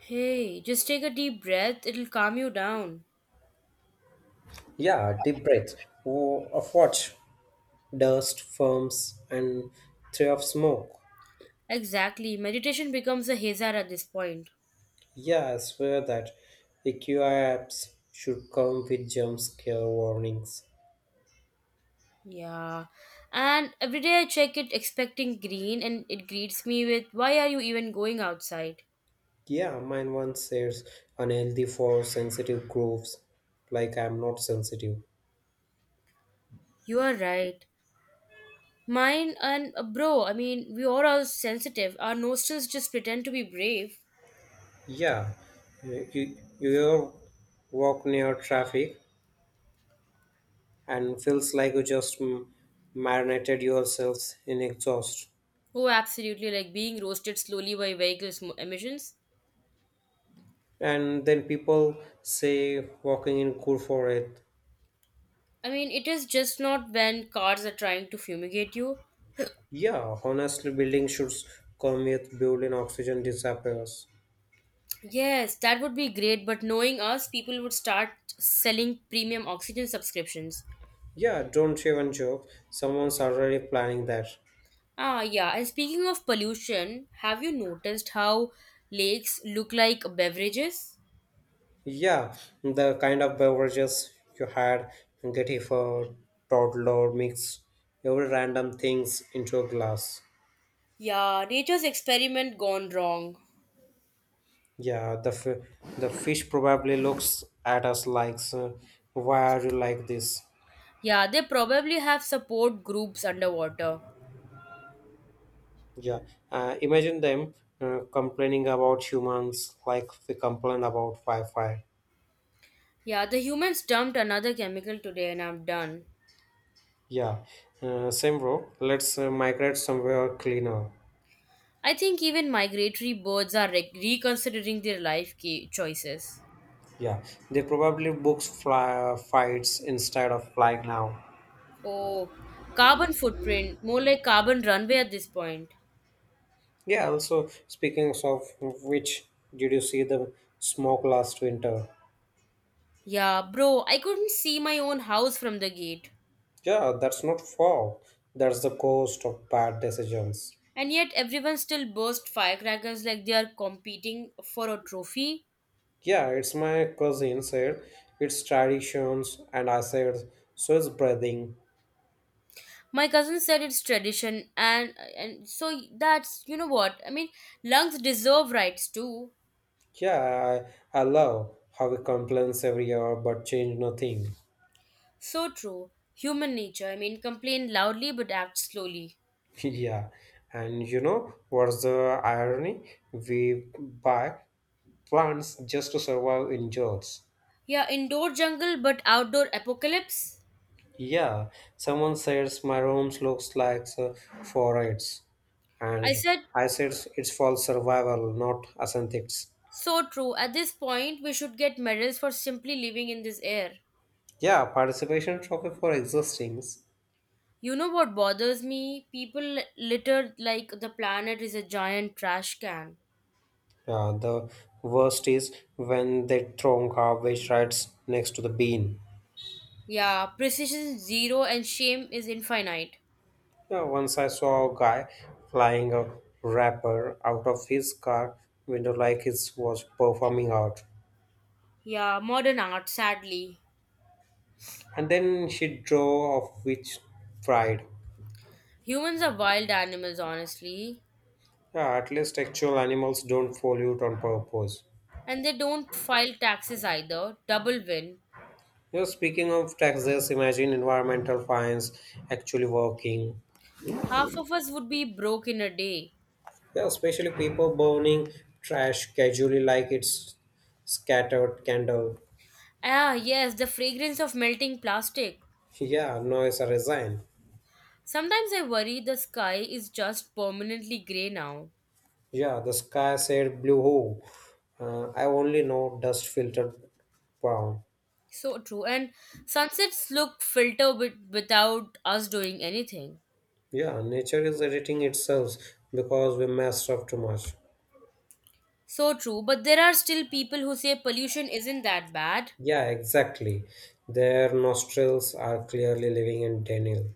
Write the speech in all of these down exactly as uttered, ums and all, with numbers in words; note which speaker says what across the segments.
Speaker 1: Hey, just take a deep breath, it'll calm you down.
Speaker 2: Yeah, deep breath oh, of watch, dust, firms, and thread of smoke.
Speaker 1: Exactly, meditation becomes a hazard at this point.
Speaker 2: Yeah, I swear that the Q I apps should come with jump scare warnings.
Speaker 1: Yeah. And every day I check it expecting green and it greets me with, "Why are you even going outside?"
Speaker 2: Yeah, mine once says unhealthy for sensitive grooves, like I'm not sensitive.
Speaker 1: You are right. Mine and uh, bro, I mean, we are all sensitive. Our nostrils just pretend to be brave.
Speaker 2: Yeah, you, you you walk near traffic and feels like you just m- marinated yourselves in exhaust.
Speaker 1: Oh, absolutely, like being roasted slowly by vehicle sm- emissions.
Speaker 2: And then people say walking in good for it.
Speaker 1: I mean, it is just not when cars are trying to fumigate you.
Speaker 2: Yeah, honestly building should come with building oxygen disappears.
Speaker 1: Yes, that would be great, but knowing us, people would start selling premium oxygen subscriptions.
Speaker 2: Yeah, don't even joke, someone's already planning that.
Speaker 1: Ah, yeah, and speaking of pollution, have you noticed how lakes look like beverages?
Speaker 2: Yeah, the kind of beverages you had getty for toddler mix every random things into a glass.
Speaker 1: Yeah, nature's experiment gone wrong.
Speaker 2: Yeah, the f- the fish probably looks at us like, "Sir, why are you like this?"
Speaker 1: Yeah, they probably have support groups underwater.
Speaker 2: Yeah, uh, imagine them uh, complaining about humans like we complain about Wi-Fi.
Speaker 1: Yeah, the humans dumped another chemical today and I'm done.
Speaker 2: Yeah, uh, same bro. Let's uh, migrate somewhere cleaner.
Speaker 1: I think even migratory birds are re- reconsidering their life ca- choices.
Speaker 2: Yeah, they probably books fly, fights instead of flying now.
Speaker 1: Oh, carbon footprint, more like carbon runway at this point.
Speaker 2: Yeah, also speaking of which, did you see the smoke last winter?
Speaker 1: Yeah, bro, I couldn't see my own house from the gate.
Speaker 2: Yeah, that's not fall. That's the cost of bad decisions.
Speaker 1: And yet everyone still burst firecrackers like they are competing for a trophy.
Speaker 2: Yeah, it's my cousin said it's traditions, and I said so it's breathing.
Speaker 1: My cousin said it's tradition and and so that's, you know what? I mean, lungs deserve rights too.
Speaker 2: Yeah, I, I love how he complains every hour but change nothing.
Speaker 1: So true. Human nature. I mean, complain loudly but act slowly.
Speaker 2: Yeah, and you know what's the irony? We buy plants just to survive in jobs.
Speaker 1: Yeah, indoor jungle but outdoor apocalypse.
Speaker 2: Yeah, someone says my rooms looks like uh, forests,
Speaker 1: I
Speaker 2: and
Speaker 1: said
Speaker 2: I said it's for survival, not aesthetics.
Speaker 1: so true. At this point, we should get medals for simply living in this air.
Speaker 2: Yeah, participation trophy for existing.
Speaker 1: You know what bothers me? People littered like the planet is a giant trash can.
Speaker 2: Yeah, the worst is when they throw garbage right next to the bin.
Speaker 1: Yeah, precision is zero and shame is infinite.
Speaker 2: Yeah, once I saw a guy flying a wrapper out of his car window like he was performing art.
Speaker 1: Yeah, modern art, sadly.
Speaker 2: And then she drove off with pride.
Speaker 1: Humans are wild animals, honestly.
Speaker 2: Yeah, at least actual animals don't pollute on purpose.
Speaker 1: And they don't file taxes either. Double win.
Speaker 2: Yeah, speaking of taxes, imagine environmental fines actually working.
Speaker 1: Half of us would be broke in a day.
Speaker 2: Yeah, especially people burning trash casually like it's scattered candle.
Speaker 1: Ah, yes, the fragrance of melting plastic.
Speaker 2: Yeah, noise resign.
Speaker 1: Sometimes I worry the sky is just permanently grey now.
Speaker 2: Yeah, the sky said blue hole. Uh, I only know dust filtered brown.
Speaker 1: So true. And sunsets look filter with, without us doing anything.
Speaker 2: Yeah, nature is editing itself because we messed up too much.
Speaker 1: So true. But there are still people who say pollution isn't that bad.
Speaker 2: Yeah, exactly. Their nostrils are clearly living in denial.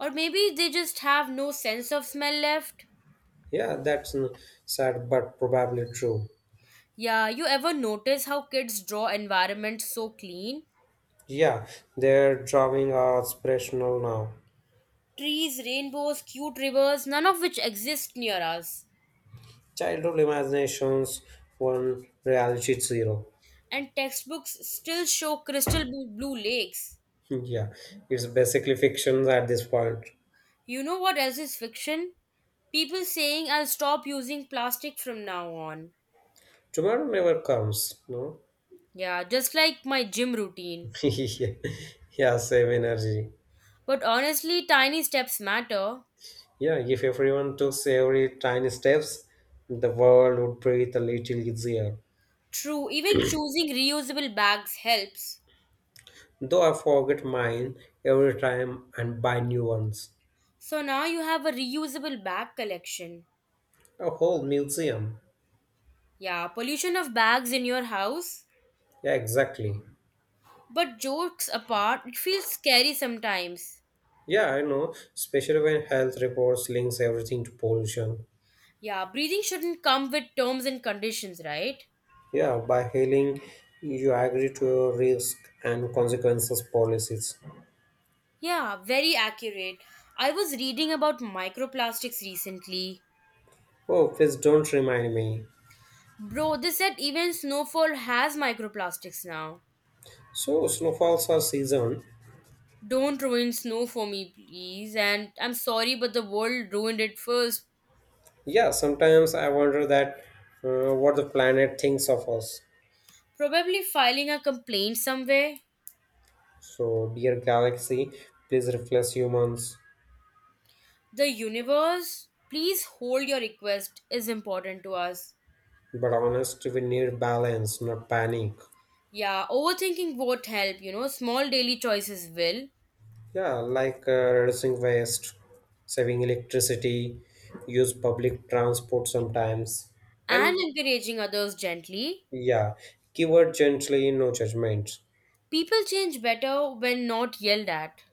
Speaker 1: Or maybe they just have no sense of smell left.
Speaker 2: Yeah, that's n- sad but probably true.
Speaker 1: Yeah, you ever notice how kids draw environments so clean?
Speaker 2: Yeah, their drawing are aspirational now.
Speaker 1: Trees, rainbows, cute rivers, none of which exist near us.
Speaker 2: Childhood imaginations, one reality zero.
Speaker 1: And textbooks still show crystal blue blue lakes.
Speaker 2: Yeah, it's basically fictions at this point.
Speaker 1: You know what else is fiction? People saying, "I'll stop using plastic from now on."
Speaker 2: Tomorrow never comes, no?
Speaker 1: Yeah, just like my gym routine.
Speaker 2: Yeah, save energy.
Speaker 1: But honestly, tiny steps matter.
Speaker 2: Yeah, if everyone took every tiny steps, the world would breathe a little easier.
Speaker 1: True, even choosing reusable bags helps.
Speaker 2: Though I forget mine every time and buy new ones.
Speaker 1: So now you have a reusable bag collection.
Speaker 2: A whole museum.
Speaker 1: Yeah, pollution of bags in your house.
Speaker 2: Yeah, exactly.
Speaker 1: But jokes apart, it feels scary sometimes.
Speaker 2: Yeah, I know, especially when health reports links everything to pollution.
Speaker 1: Yeah, breathing shouldn't come with terms and conditions, right?
Speaker 2: Yeah, by hailing, you agree to your risk and consequences policies.
Speaker 1: Yeah, very accurate. I was reading about microplastics recently.
Speaker 2: Oh, please don't remind me.
Speaker 1: Bro, they said even snowfall has microplastics now.
Speaker 2: So snowfalls are season.
Speaker 1: Don't ruin snow for me, please. And I'm sorry, but the world ruined it first.
Speaker 2: Yeah, sometimes I wonder that uh, what the planet thinks of us.
Speaker 1: Probably filing a complaint somewhere.
Speaker 2: So dear galaxy, please reflect humans.
Speaker 1: The universe, please hold, your request is important to us.
Speaker 2: But honest, we need balance, not panic.
Speaker 1: Yeah, overthinking won't help, you know. Small daily choices will.
Speaker 2: Yeah, like uh, reducing waste, saving electricity, use public transport sometimes,
Speaker 1: And
Speaker 2: and
Speaker 1: encouraging others gently.
Speaker 2: yeah, keyword gently, no judgment.
Speaker 1: People change better when not yelled at.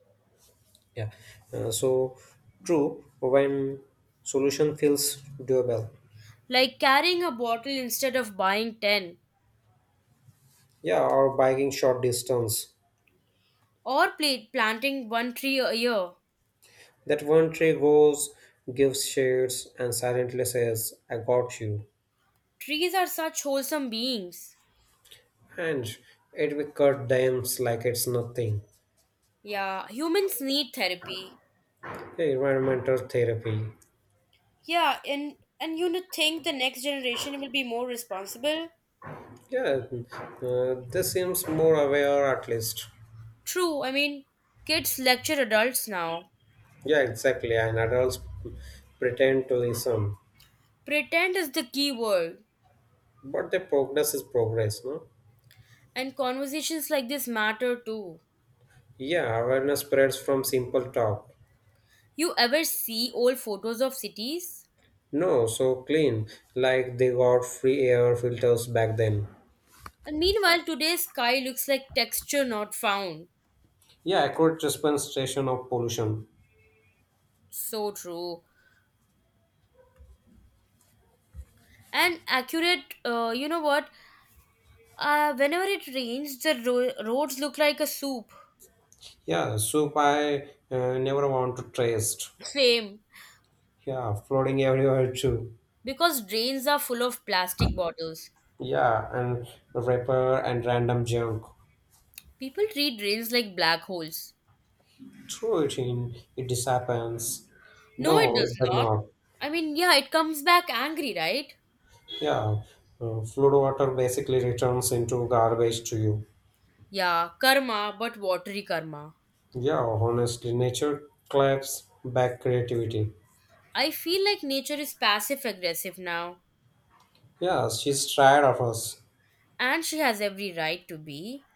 Speaker 2: Yeah, uh, so true when solution feels doable.
Speaker 1: Like carrying a bottle instead of buying ten.
Speaker 2: Yeah, or biking short distance.
Speaker 1: Or pla- planting one tree a year.
Speaker 2: That one tree goes, gives shades, and silently says, I got you.
Speaker 1: Trees are such wholesome beings.
Speaker 2: And it will cut dams like it's nothing.
Speaker 1: Yeah, humans need therapy.
Speaker 2: Yeah, environmental therapy.
Speaker 1: Yeah, and and you know, think the next generation will be more responsible?
Speaker 2: Yeah, uh, this seems more aware at least.
Speaker 1: True, I mean, kids lecture adults now.
Speaker 2: Yeah, exactly. And adults pretend to listen.
Speaker 1: Pretend is the key word,
Speaker 2: But the progress is progress, no?
Speaker 1: and conversations like this matter too.
Speaker 2: Yeah, awareness spreads from simple talk.
Speaker 1: You ever see old photos of cities?
Speaker 2: No, so clean, like they got free air filters back then.
Speaker 1: And meanwhile, today's sky looks like texture not found.
Speaker 2: Yeah, accurate representation of pollution.
Speaker 1: So true. And accurate, uh, you know what? Uh, whenever it rains, the ro- roads look like a soup.
Speaker 2: Yeah, soup I uh, never want to taste.
Speaker 1: Same.
Speaker 2: Yeah, floating everywhere too.
Speaker 1: Because drains are full of plastic bottles.
Speaker 2: Yeah, and wrapper and random junk.
Speaker 1: People treat drains like black holes.
Speaker 2: Throw it in, it disappears.
Speaker 1: No, it
Speaker 2: No,
Speaker 1: does
Speaker 2: it does
Speaker 1: not.
Speaker 2: not.
Speaker 1: I mean, yeah, it comes back angry, right?
Speaker 2: Yeah, uh, fluid water basically returns into garbage to you.
Speaker 1: Yeah, karma, but watery karma.
Speaker 2: Yeah, honestly, nature claps back creativity.
Speaker 1: I feel like nature is passive aggressive now,
Speaker 2: Yeah, she's tired of us,
Speaker 1: and she has every right to be.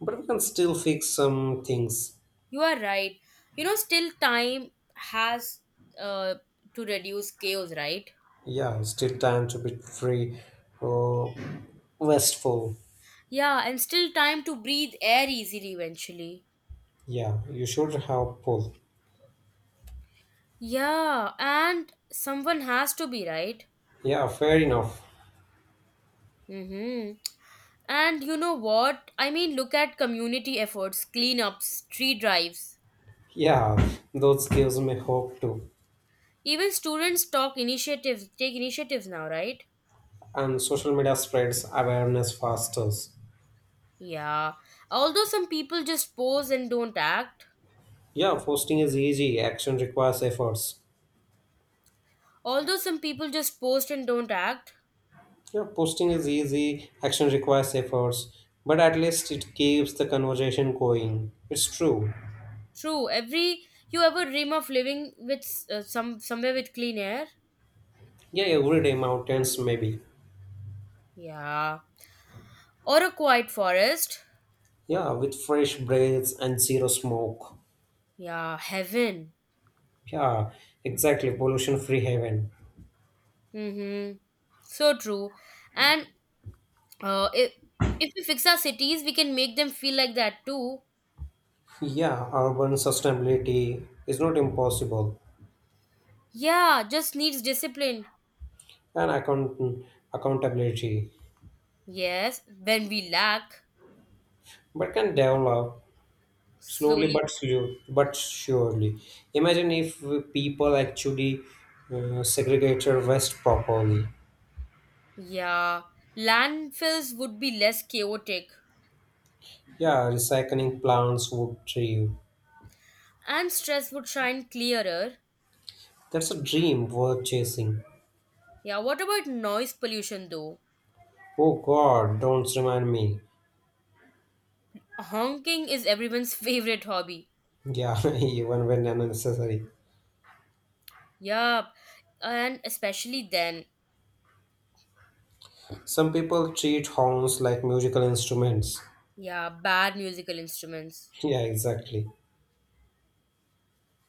Speaker 2: but we can still fix some things.
Speaker 1: You are right. You know, still time has uh, to reduce chaos, right?
Speaker 2: Yeah, it's still time to be free. Oh, westful.
Speaker 1: Yeah, and still time to breathe air easily eventually.
Speaker 2: Yeah, you should have pull.
Speaker 1: Yeah, and someone has to be right.
Speaker 2: Yeah, fair enough.
Speaker 1: Mm-hmm. And you know what? I mean, look at community efforts, cleanups, tree drives.
Speaker 2: Yeah, those gives me hope too.
Speaker 1: Even students talk initiatives, take initiatives now, right?
Speaker 2: And social media spreads awareness faster.
Speaker 1: Yeah. Although some people just pose and don't act.
Speaker 2: Yeah, posting is easy. Action requires efforts.
Speaker 1: Although some people just post and don't act.
Speaker 2: Yeah, posting is easy. Action requires efforts. But at least it keeps the conversation going. It's true.
Speaker 1: True. Every, you ever dream of living with uh, some somewhere with clean air?
Speaker 2: Yeah, every day mountains maybe.
Speaker 1: Yeah. Or a quiet forest.
Speaker 2: Yeah, with fresh breaths and zero smoke.
Speaker 1: Yeah, heaven.
Speaker 2: Yeah, exactly. Pollution free haven.
Speaker 1: Mm-hmm. So true. And uh, if, if we fix our cities, we can make them feel like that too.
Speaker 2: Yeah, urban sustainability is not impossible
Speaker 1: Yeah, just needs discipline.
Speaker 2: and account- accountability,
Speaker 1: Yes, when we lack,
Speaker 2: but can develop slowly
Speaker 1: slowly.
Speaker 2: but slow, but surely. Imagine if people actually uh, segregate waste properly.
Speaker 1: Yeah, landfills would be less chaotic
Speaker 2: Yeah, recycling plants would thrive.
Speaker 1: and stress would shine clearer.
Speaker 2: That's a dream worth chasing.
Speaker 1: Yeah, what about noise pollution though?
Speaker 2: Oh God, don't remind me.
Speaker 1: Honking is everyone's favorite hobby.
Speaker 2: Yeah, even when unnecessary.
Speaker 1: Yup, and especially then.
Speaker 2: Some people treat horns like musical instruments.
Speaker 1: Yeah, bad musical instruments.
Speaker 2: Yeah, exactly.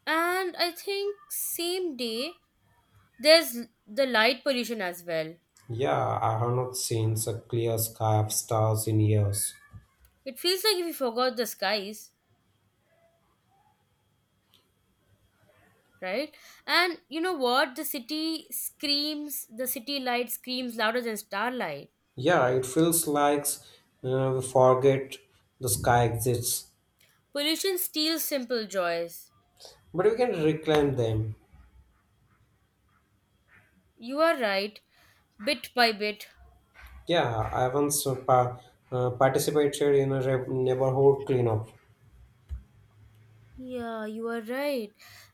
Speaker 1: And I think same day there's l- the light pollution as well.
Speaker 2: Yeah, I have not seen a clear sky of stars in years.
Speaker 1: It feels like if you forgot the skies, right? And you know what? The city screams, the city light screams louder than starlight.
Speaker 2: Yeah, it feels like uh, we forget the sky exists,
Speaker 1: Pollution steals simple joys.
Speaker 2: but we can reclaim them.
Speaker 1: You are right, bit by bit.
Speaker 2: Yeah, I once uh, pa- uh, participated in a re- neighborhood cleanup.
Speaker 1: Yeah, you are right.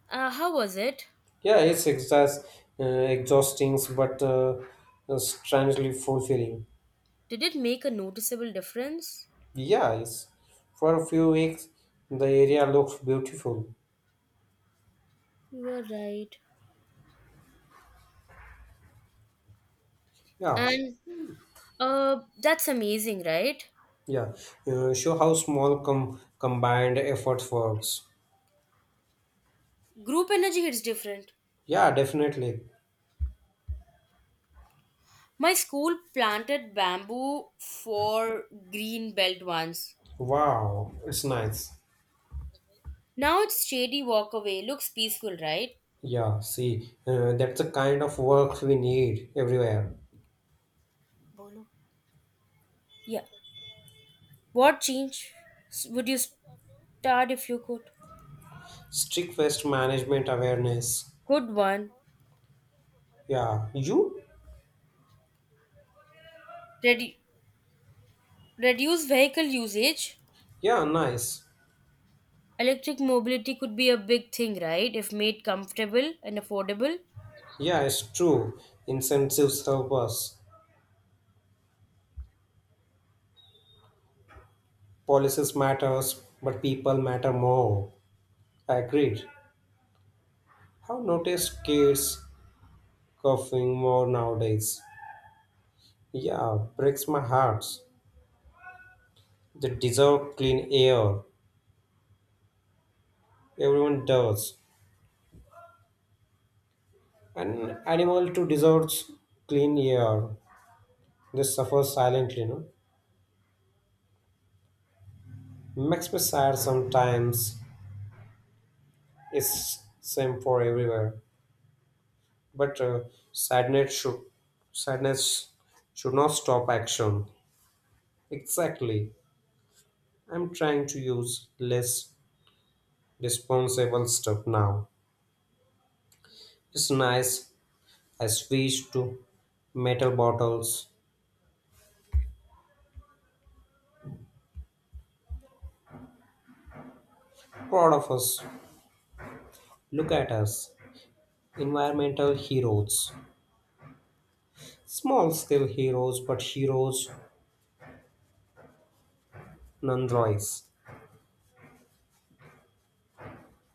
Speaker 1: Uh, how was it?
Speaker 2: Yeah, it's exhaust- uh, exhausting, but uh, uh, strangely fulfilling.
Speaker 1: Did it make a noticeable difference?
Speaker 2: Yeah, it's, for a few weeks the area looked beautiful.
Speaker 1: You are right.
Speaker 2: Yeah,
Speaker 1: And Uh, that's amazing, right?
Speaker 2: yeah. Uh, show how small com combined effort works.
Speaker 1: Group energy hits different.
Speaker 2: Yeah, definitely.
Speaker 1: My school planted bamboo for green belt once.
Speaker 2: Wow, it's nice.
Speaker 1: Now it's shady walkaway. Looks peaceful, right?
Speaker 2: Yeah, see, uh, that's the kind of work we need everywhere.
Speaker 1: Bolo. Yeah. What change s- would you start if you could?
Speaker 2: Strict waste management awareness.
Speaker 1: Good one.
Speaker 2: Yeah, you?
Speaker 1: Redu- Reduce vehicle usage.
Speaker 2: Yeah, nice.
Speaker 1: Electric mobility could be a big thing, right? If made comfortable and affordable.
Speaker 2: Yeah, it's true. Incentives help us. Policies matters, but people matter more. Agreed. How noticed kids coughing more nowadays? Yeah, breaks my heart. They deserve clean air. Everyone does. An animal too deserves clean air. They suffer silently, no? Makes me sad sometimes. It's same for everywhere. But uh, sadness should sadness should not stop action. Exactly. I'm trying to use less disposable stuff now. It's nice. I switched to metal bottles. Proud of us. Look at us. Environmental heroes. Small scale heroes, but heroes nonetheless.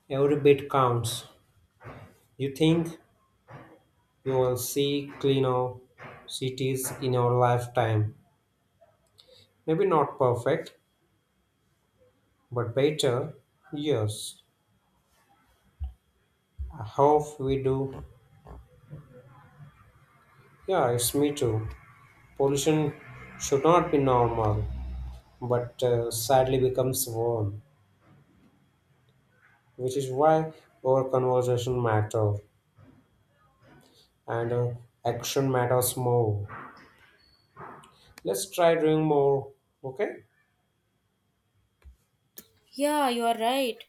Speaker 2: Every bit counts. You think you will see cleaner cities in your lifetime. Maybe not perfect, but better. Yes. I hope we do. Yeah, it's me too. Pollution should not be normal, but uh, sadly becomes one, which is why our conversation matter and uh, action matters more. Let's try doing more. Okay.
Speaker 1: Yeah, you are right.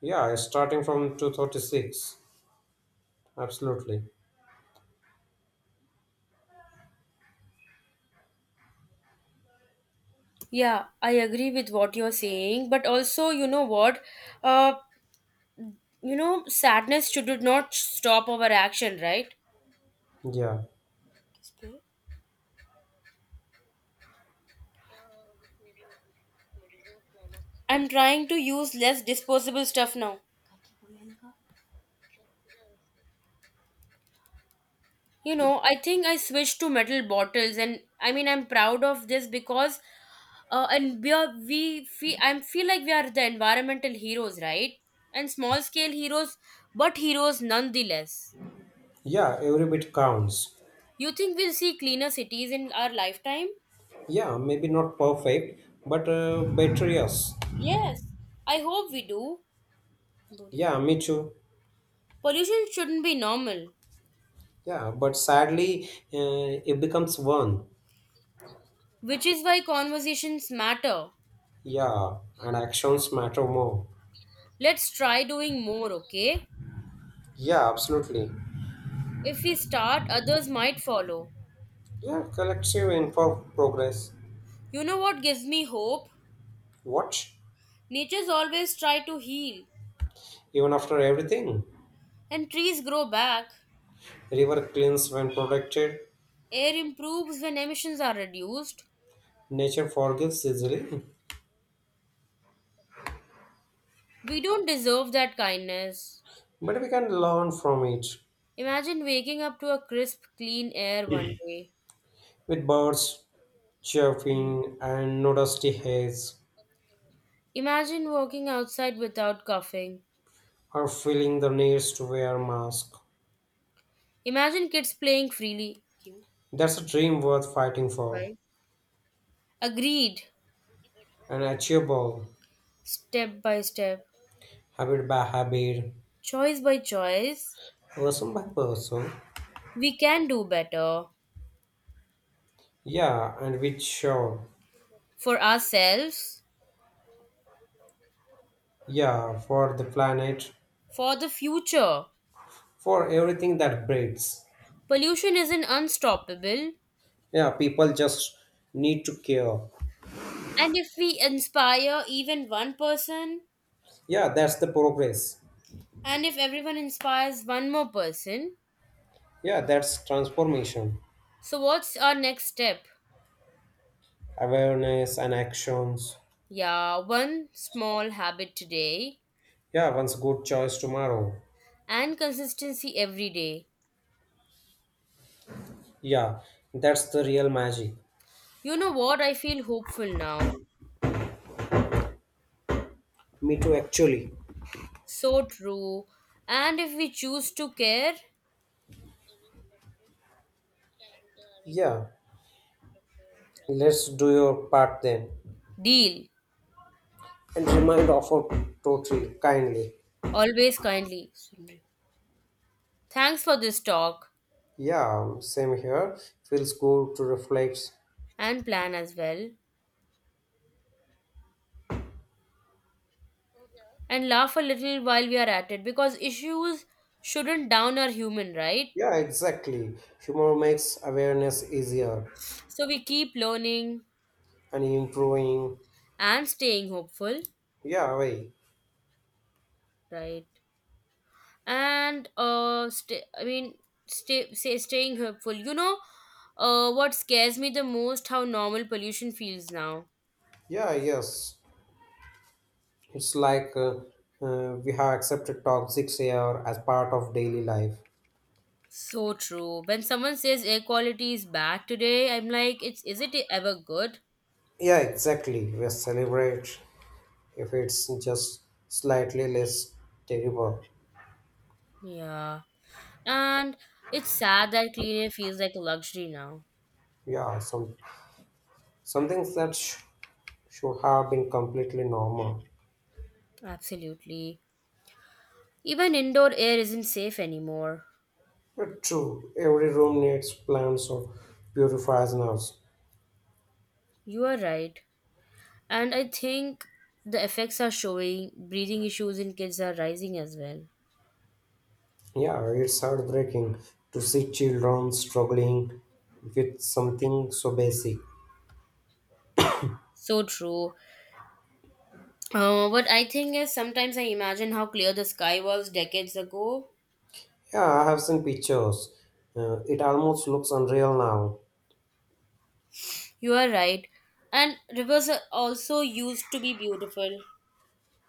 Speaker 2: Yeah, starting from two thirty-six. Absolutely.
Speaker 1: Yeah, I agree with what you're saying, but also, you know what? Uh, you know, sadness should not stop our action, right?
Speaker 2: Yeah.
Speaker 1: I'm trying to use less disposable stuff now. You know, I think I switched to metal bottles, and I mean, I'm proud of this because, uh, and we are we feel I feel like we are the environmental heroes, right? And small scale heroes, but heroes nonetheless.
Speaker 2: Yeah, every bit counts.
Speaker 1: You think we'll see cleaner cities in our lifetime?
Speaker 2: Yeah, maybe not perfect, but uh, better, yes.
Speaker 1: Yes, I hope we do. बोलो।
Speaker 2: Yeah, me too.
Speaker 1: Pollution shouldn't be normal,
Speaker 2: Yeah, but sadly, uh, it becomes one.
Speaker 1: which is why conversations matter.
Speaker 2: Yeah, and actions matter more.
Speaker 1: Let's try doing more, okay?
Speaker 2: Yeah, absolutely.
Speaker 1: If we start, others might follow.
Speaker 2: Yeah, collective info progress.
Speaker 1: You know what gives me hope?
Speaker 2: What?
Speaker 1: Nature's always try to heal,
Speaker 2: Even after everything,
Speaker 1: and trees grow back.
Speaker 2: river cleans when protected,
Speaker 1: Air improves when emissions are reduced.
Speaker 2: nature forgives easily.
Speaker 1: We don't deserve that kindness.
Speaker 2: But we can learn from it
Speaker 1: Imagine waking up to a crisp, clean air one day.
Speaker 2: with birds
Speaker 1: Mhm.
Speaker 2: chirping and no dusty haze
Speaker 1: Imagine walking outside without coughing.
Speaker 2: or feeling the need to wear a mask.
Speaker 1: Imagine kids playing freely. Cute.
Speaker 2: That's a dream worth fighting for
Speaker 1: Right? Agreed.
Speaker 2: and achievable
Speaker 1: Step by step,
Speaker 2: habit by habit,
Speaker 1: choice by choice,
Speaker 2: person by person.
Speaker 1: we can do better
Speaker 2: Yeah, and with sure.
Speaker 1: for ourselves,
Speaker 2: Yeah, for the planet,
Speaker 1: for the future.
Speaker 2: for everything that breathes.
Speaker 1: Pollution isn't unstoppable.
Speaker 2: Yeah, people just need to care.
Speaker 1: And if we inspire even one person,
Speaker 2: Yeah, that's the progress.
Speaker 1: and if everyone inspires one more person,
Speaker 2: Yeah, that's transformation,
Speaker 1: so what's our next step?
Speaker 2: awareness, and actions.
Speaker 1: Yeah, one small habit today
Speaker 2: Yeah, once good choice tomorrow.
Speaker 1: and consistency every day.
Speaker 2: Yeah, that's the real magic.
Speaker 1: You know what? I feel hopeful now.
Speaker 2: Me too, actually.
Speaker 1: So true. And if we choose to care,
Speaker 2: Yeah, let's do your part then.
Speaker 1: deal.
Speaker 2: And remind of our totally kindly.
Speaker 1: Always kindly. Thanks for this talk
Speaker 2: Yeah, same here. Feels good to reflect.
Speaker 1: and plan as well. And laugh a little while we are at it because issues shouldn't down our human, right?
Speaker 2: Yeah, exactly. Humor makes awareness easier
Speaker 1: So we keep learning
Speaker 2: and improving.
Speaker 1: and staying hopeful,
Speaker 2: Yeah, way.
Speaker 1: right? And uh, stay, I mean, stay, say staying hopeful. You know, uh, what scares me the most how normal pollution feels now.
Speaker 2: Yeah, yes. It's like uh, uh, we have accepted toxic air as part of daily life.
Speaker 1: So true. When someone says air quality is bad today, I'm like, it's, is it ever good?
Speaker 2: Yeah, exactly. We celebrate if it's just slightly less terrible.
Speaker 1: Yeah. And it's sad that clean air feels like a luxury now.
Speaker 2: Yeah, some some things that sh- should have been completely normal.
Speaker 1: Absolutely. Even indoor air isn't safe anymore.
Speaker 2: But true, every room needs plants or purifiers now.
Speaker 1: You are right. And I think the effects are showing. Breathing issues in kids are rising as well.
Speaker 2: Yeah, it's heartbreaking to see children struggling with something so basic.
Speaker 1: So true. Uh, what I think is sometimes I imagine how clear the sky was decades ago.
Speaker 2: Yeah, I have seen pictures. Uh, it almost looks unreal now.
Speaker 1: You are right. And rivers are also used to be beautiful.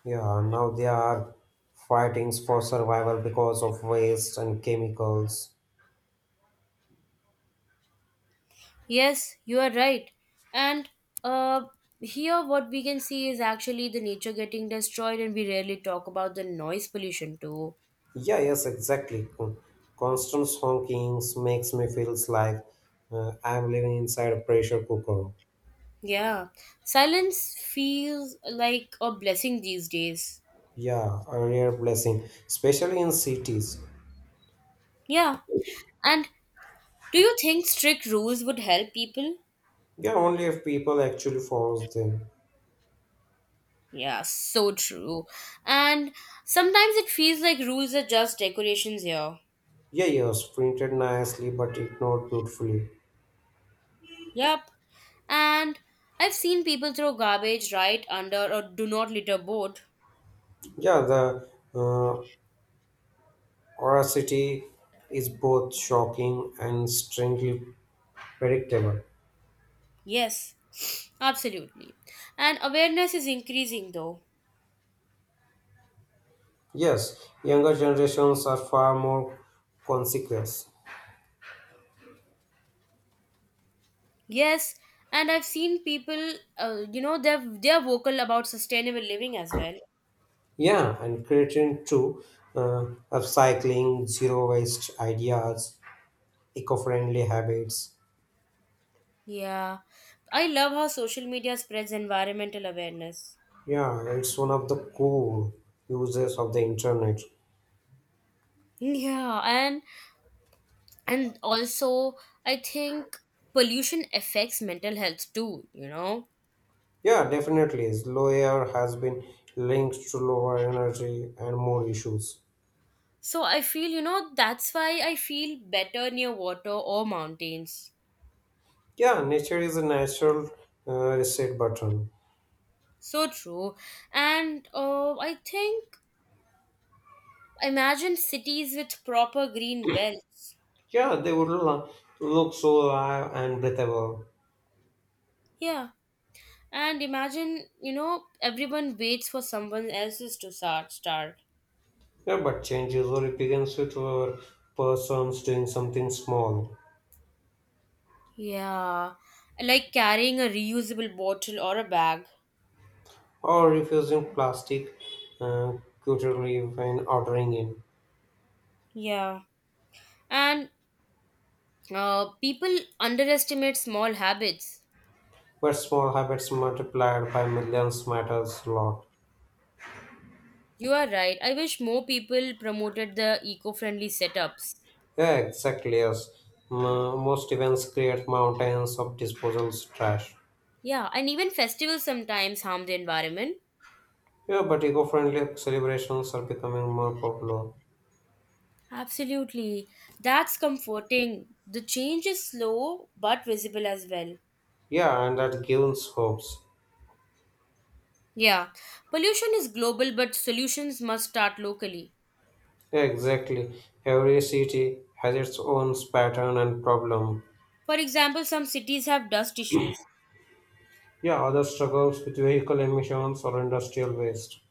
Speaker 2: Yeah, now they are fighting for survival because of waste and chemicals.
Speaker 1: Yes, you are right. And uh, here, what we can see is actually the nature getting destroyed, and we rarely talk about the noise pollution too.
Speaker 2: Yeah, yes, exactly. Con- Constant honkings makes me feels like uh, I'm living inside a pressure cooker.
Speaker 1: Yeah, silence feels like a blessing these days.
Speaker 2: Yeah, a rare blessing, especially in cities.
Speaker 1: Yeah, and do you think strict rules would help people?
Speaker 2: Yeah, only if people actually follows them.
Speaker 1: Yeah, so true. And sometimes it feels like rules are just decorations here.
Speaker 2: Yeah, yes, printed nicely but ignored beautifully.
Speaker 1: Yep. And I've seen people throw garbage right under a do not litter board.
Speaker 2: Yeah, the uh, oracity is both shocking and strangely predictable.
Speaker 1: Yes, absolutely. And awareness is increasing though.
Speaker 2: Yes, younger generations are far more consequent.
Speaker 1: Yes, and I've seen people, uh, you know, they're they're vocal about sustainable living as well.
Speaker 2: Yeah, and creating too, uh, upcycling, zero waste ideas, eco friendly habits.
Speaker 1: Yeah. I love how social media spreads environmental awareness.
Speaker 2: Yeah, it's one of the cool uses of the internet.
Speaker 1: Yeah, and and also I think pollution affects mental health too, you know.
Speaker 2: Yeah, definitely. Low air has been linked to lower energy and more issues.
Speaker 1: So I feel, you know, that's why I feel better near water or mountains.
Speaker 2: Yeah, nature is a natural uh, reset button.
Speaker 1: So true. And uh, I think imagine cities with proper green belts.
Speaker 2: Yeah, they would lo- look so alive and breathable.
Speaker 1: Yeah. And imagine, you know, everyone waits for someone else's to start start.
Speaker 2: Yeah, but change usually begins with our persons doing something small
Speaker 1: Yeah. Like carrying a reusable bottle or a bag.
Speaker 2: or refusing plastic uh, cutlery when ordering in.
Speaker 1: Yeah. And uh, people underestimate small habits.
Speaker 2: But small habits multiplied by millions matters a lot.
Speaker 1: You are right. I wish more people promoted the eco friendly setups.
Speaker 2: Yeah, exactly. Yes. M- most events create mountains of disposals trash.
Speaker 1: Yeah, and even festivals sometimes harm the environment.
Speaker 2: Yeah, but eco-friendly celebrations are becoming more popular.
Speaker 1: Absolutely. That's comforting. The change is slow but visible as well.
Speaker 2: Yeah, and that gives hopes.
Speaker 1: Yeah. Pollution is global, but solutions must start locally.
Speaker 2: Yeah, exactly. Every city has its own pattern and problem.
Speaker 1: For example, some cities have dust issues.
Speaker 2: Yeah, others struggles with vehicle emissions or industrial waste.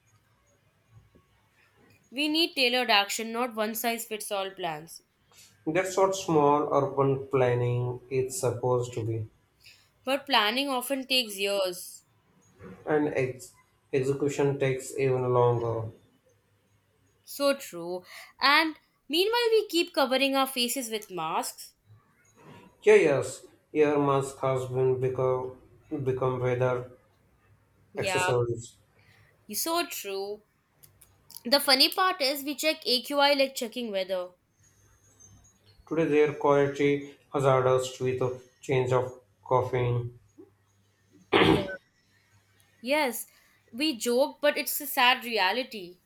Speaker 1: We need tailored action, not one size fits all plans.
Speaker 2: That's what small urban planning is supposed to be,
Speaker 1: But planning often takes years.
Speaker 2: and ex- execution takes even longer.
Speaker 1: So true. And meanwhile, we keep covering our faces with masks.
Speaker 2: Yeah, yes, earmuffs has been become become weather
Speaker 1: Yeah,
Speaker 2: accessories.
Speaker 1: so true. The funny part is we check A Q I like checking weather.
Speaker 2: Today, their quality hazardous with a change of coughing.
Speaker 1: Yeah. Yes, we joke, but it's a sad reality.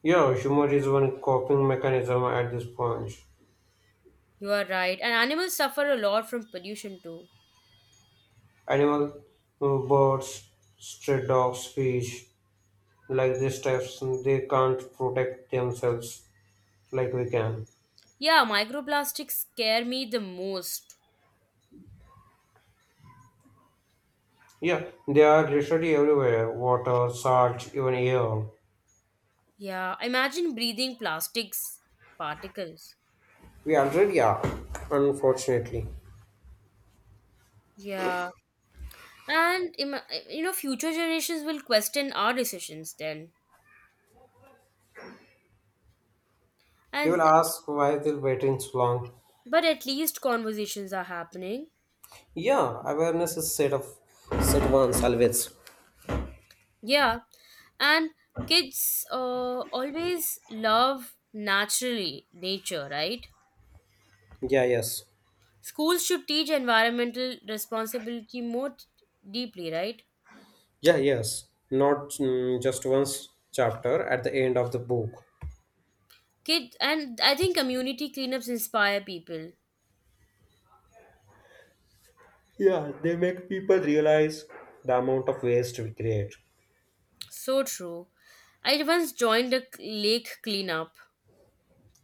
Speaker 2: Yeah, humor is one coping mechanism at this point.
Speaker 1: You are right, and animals suffer a lot from pollution too.
Speaker 2: Animal, uh, birds, stray dogs, fish, like these types, they can't protect themselves like we can.
Speaker 1: Yeah, microplastics scare me the most.
Speaker 2: Yeah, they are literally everywhere water, salt, even air.
Speaker 1: Yeah, imagine breathing plastics particles.
Speaker 2: We already are, unfortunately.
Speaker 1: Yeah, and ima- you know, future generations will question our decisions then.
Speaker 2: They will
Speaker 1: And
Speaker 2: ask why they're waiting so long.
Speaker 1: but at least conversations are happening.
Speaker 2: Yeah, awareness is set of set once always.
Speaker 1: Yeah, and kids uh, always love naturally nature, right?
Speaker 2: Yeah, yes.
Speaker 1: Schools should teach environmental responsibility more t- deeply, right?
Speaker 2: Yeah, yes. Not mm, just once chapter at the end of the book.
Speaker 1: Kids, and I think community cleanups inspire people.
Speaker 2: Yeah, they make people realize the amount of waste we create.
Speaker 1: So true. I once joined a c- lake cleanup.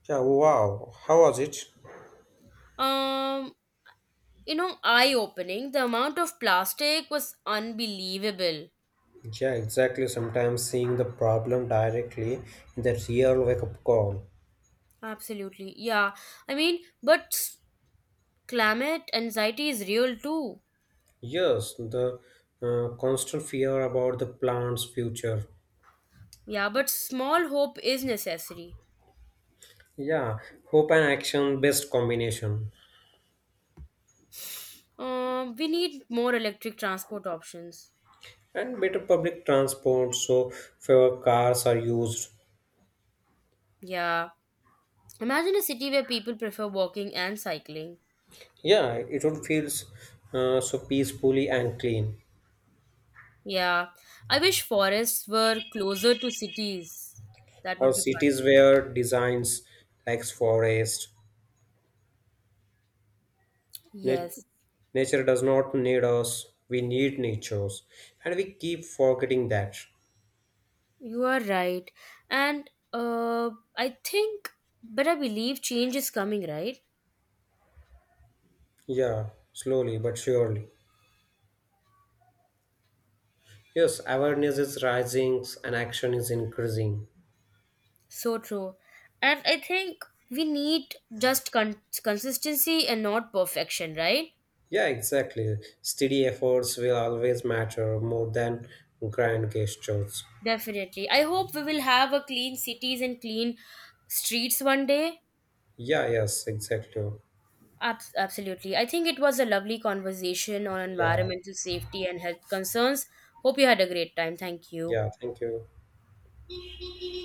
Speaker 2: Yeah, wow. How was it?
Speaker 1: Um, you know, eye opening. The amount of plastic was unbelievable.
Speaker 2: Yeah, exactly. Sometimes seeing the problem directly in the real wake up call.
Speaker 1: Absolutely. Yeah. I mean, but s- climate anxiety is real too.
Speaker 2: Yes, the uh, constant fear about the plant's future.
Speaker 1: Yeah, but small hope is necessary.
Speaker 2: Yeah, hope and action best combination.
Speaker 1: Um, we need more electric transport options.
Speaker 2: And better public transport so fewer cars are used.
Speaker 1: Yeah. Imagine a city where people prefer walking and cycling.
Speaker 2: Yeah, it would feel uh, so peacefully and clean.
Speaker 1: Yeah, I wish forests were closer to cities. That would
Speaker 2: Or
Speaker 1: be fun.
Speaker 2: cities where designs like forest, nat-
Speaker 1: Yes,
Speaker 2: nature does not need us. We need natures, and we keep forgetting that.
Speaker 1: you are right. And uh, I think, but I believe change is coming, right?
Speaker 2: Yeah, slowly but surely. Yes, awareness is rising and action is increasing.
Speaker 1: So true. And I think we need just con- consistency and not perfection, right?
Speaker 2: Yeah, exactly. Steady efforts will always matter more than grand gestures.
Speaker 1: Definitely. I hope we will have a clean cities and clean streets one day.
Speaker 2: Yeah, yes, exactly.
Speaker 1: Abs- Absolutely. I think it was a lovely conversation on
Speaker 2: Yeah,
Speaker 1: environmental safety and health concerns. Hope you had a great time. Thank you.
Speaker 2: yeah, thank you.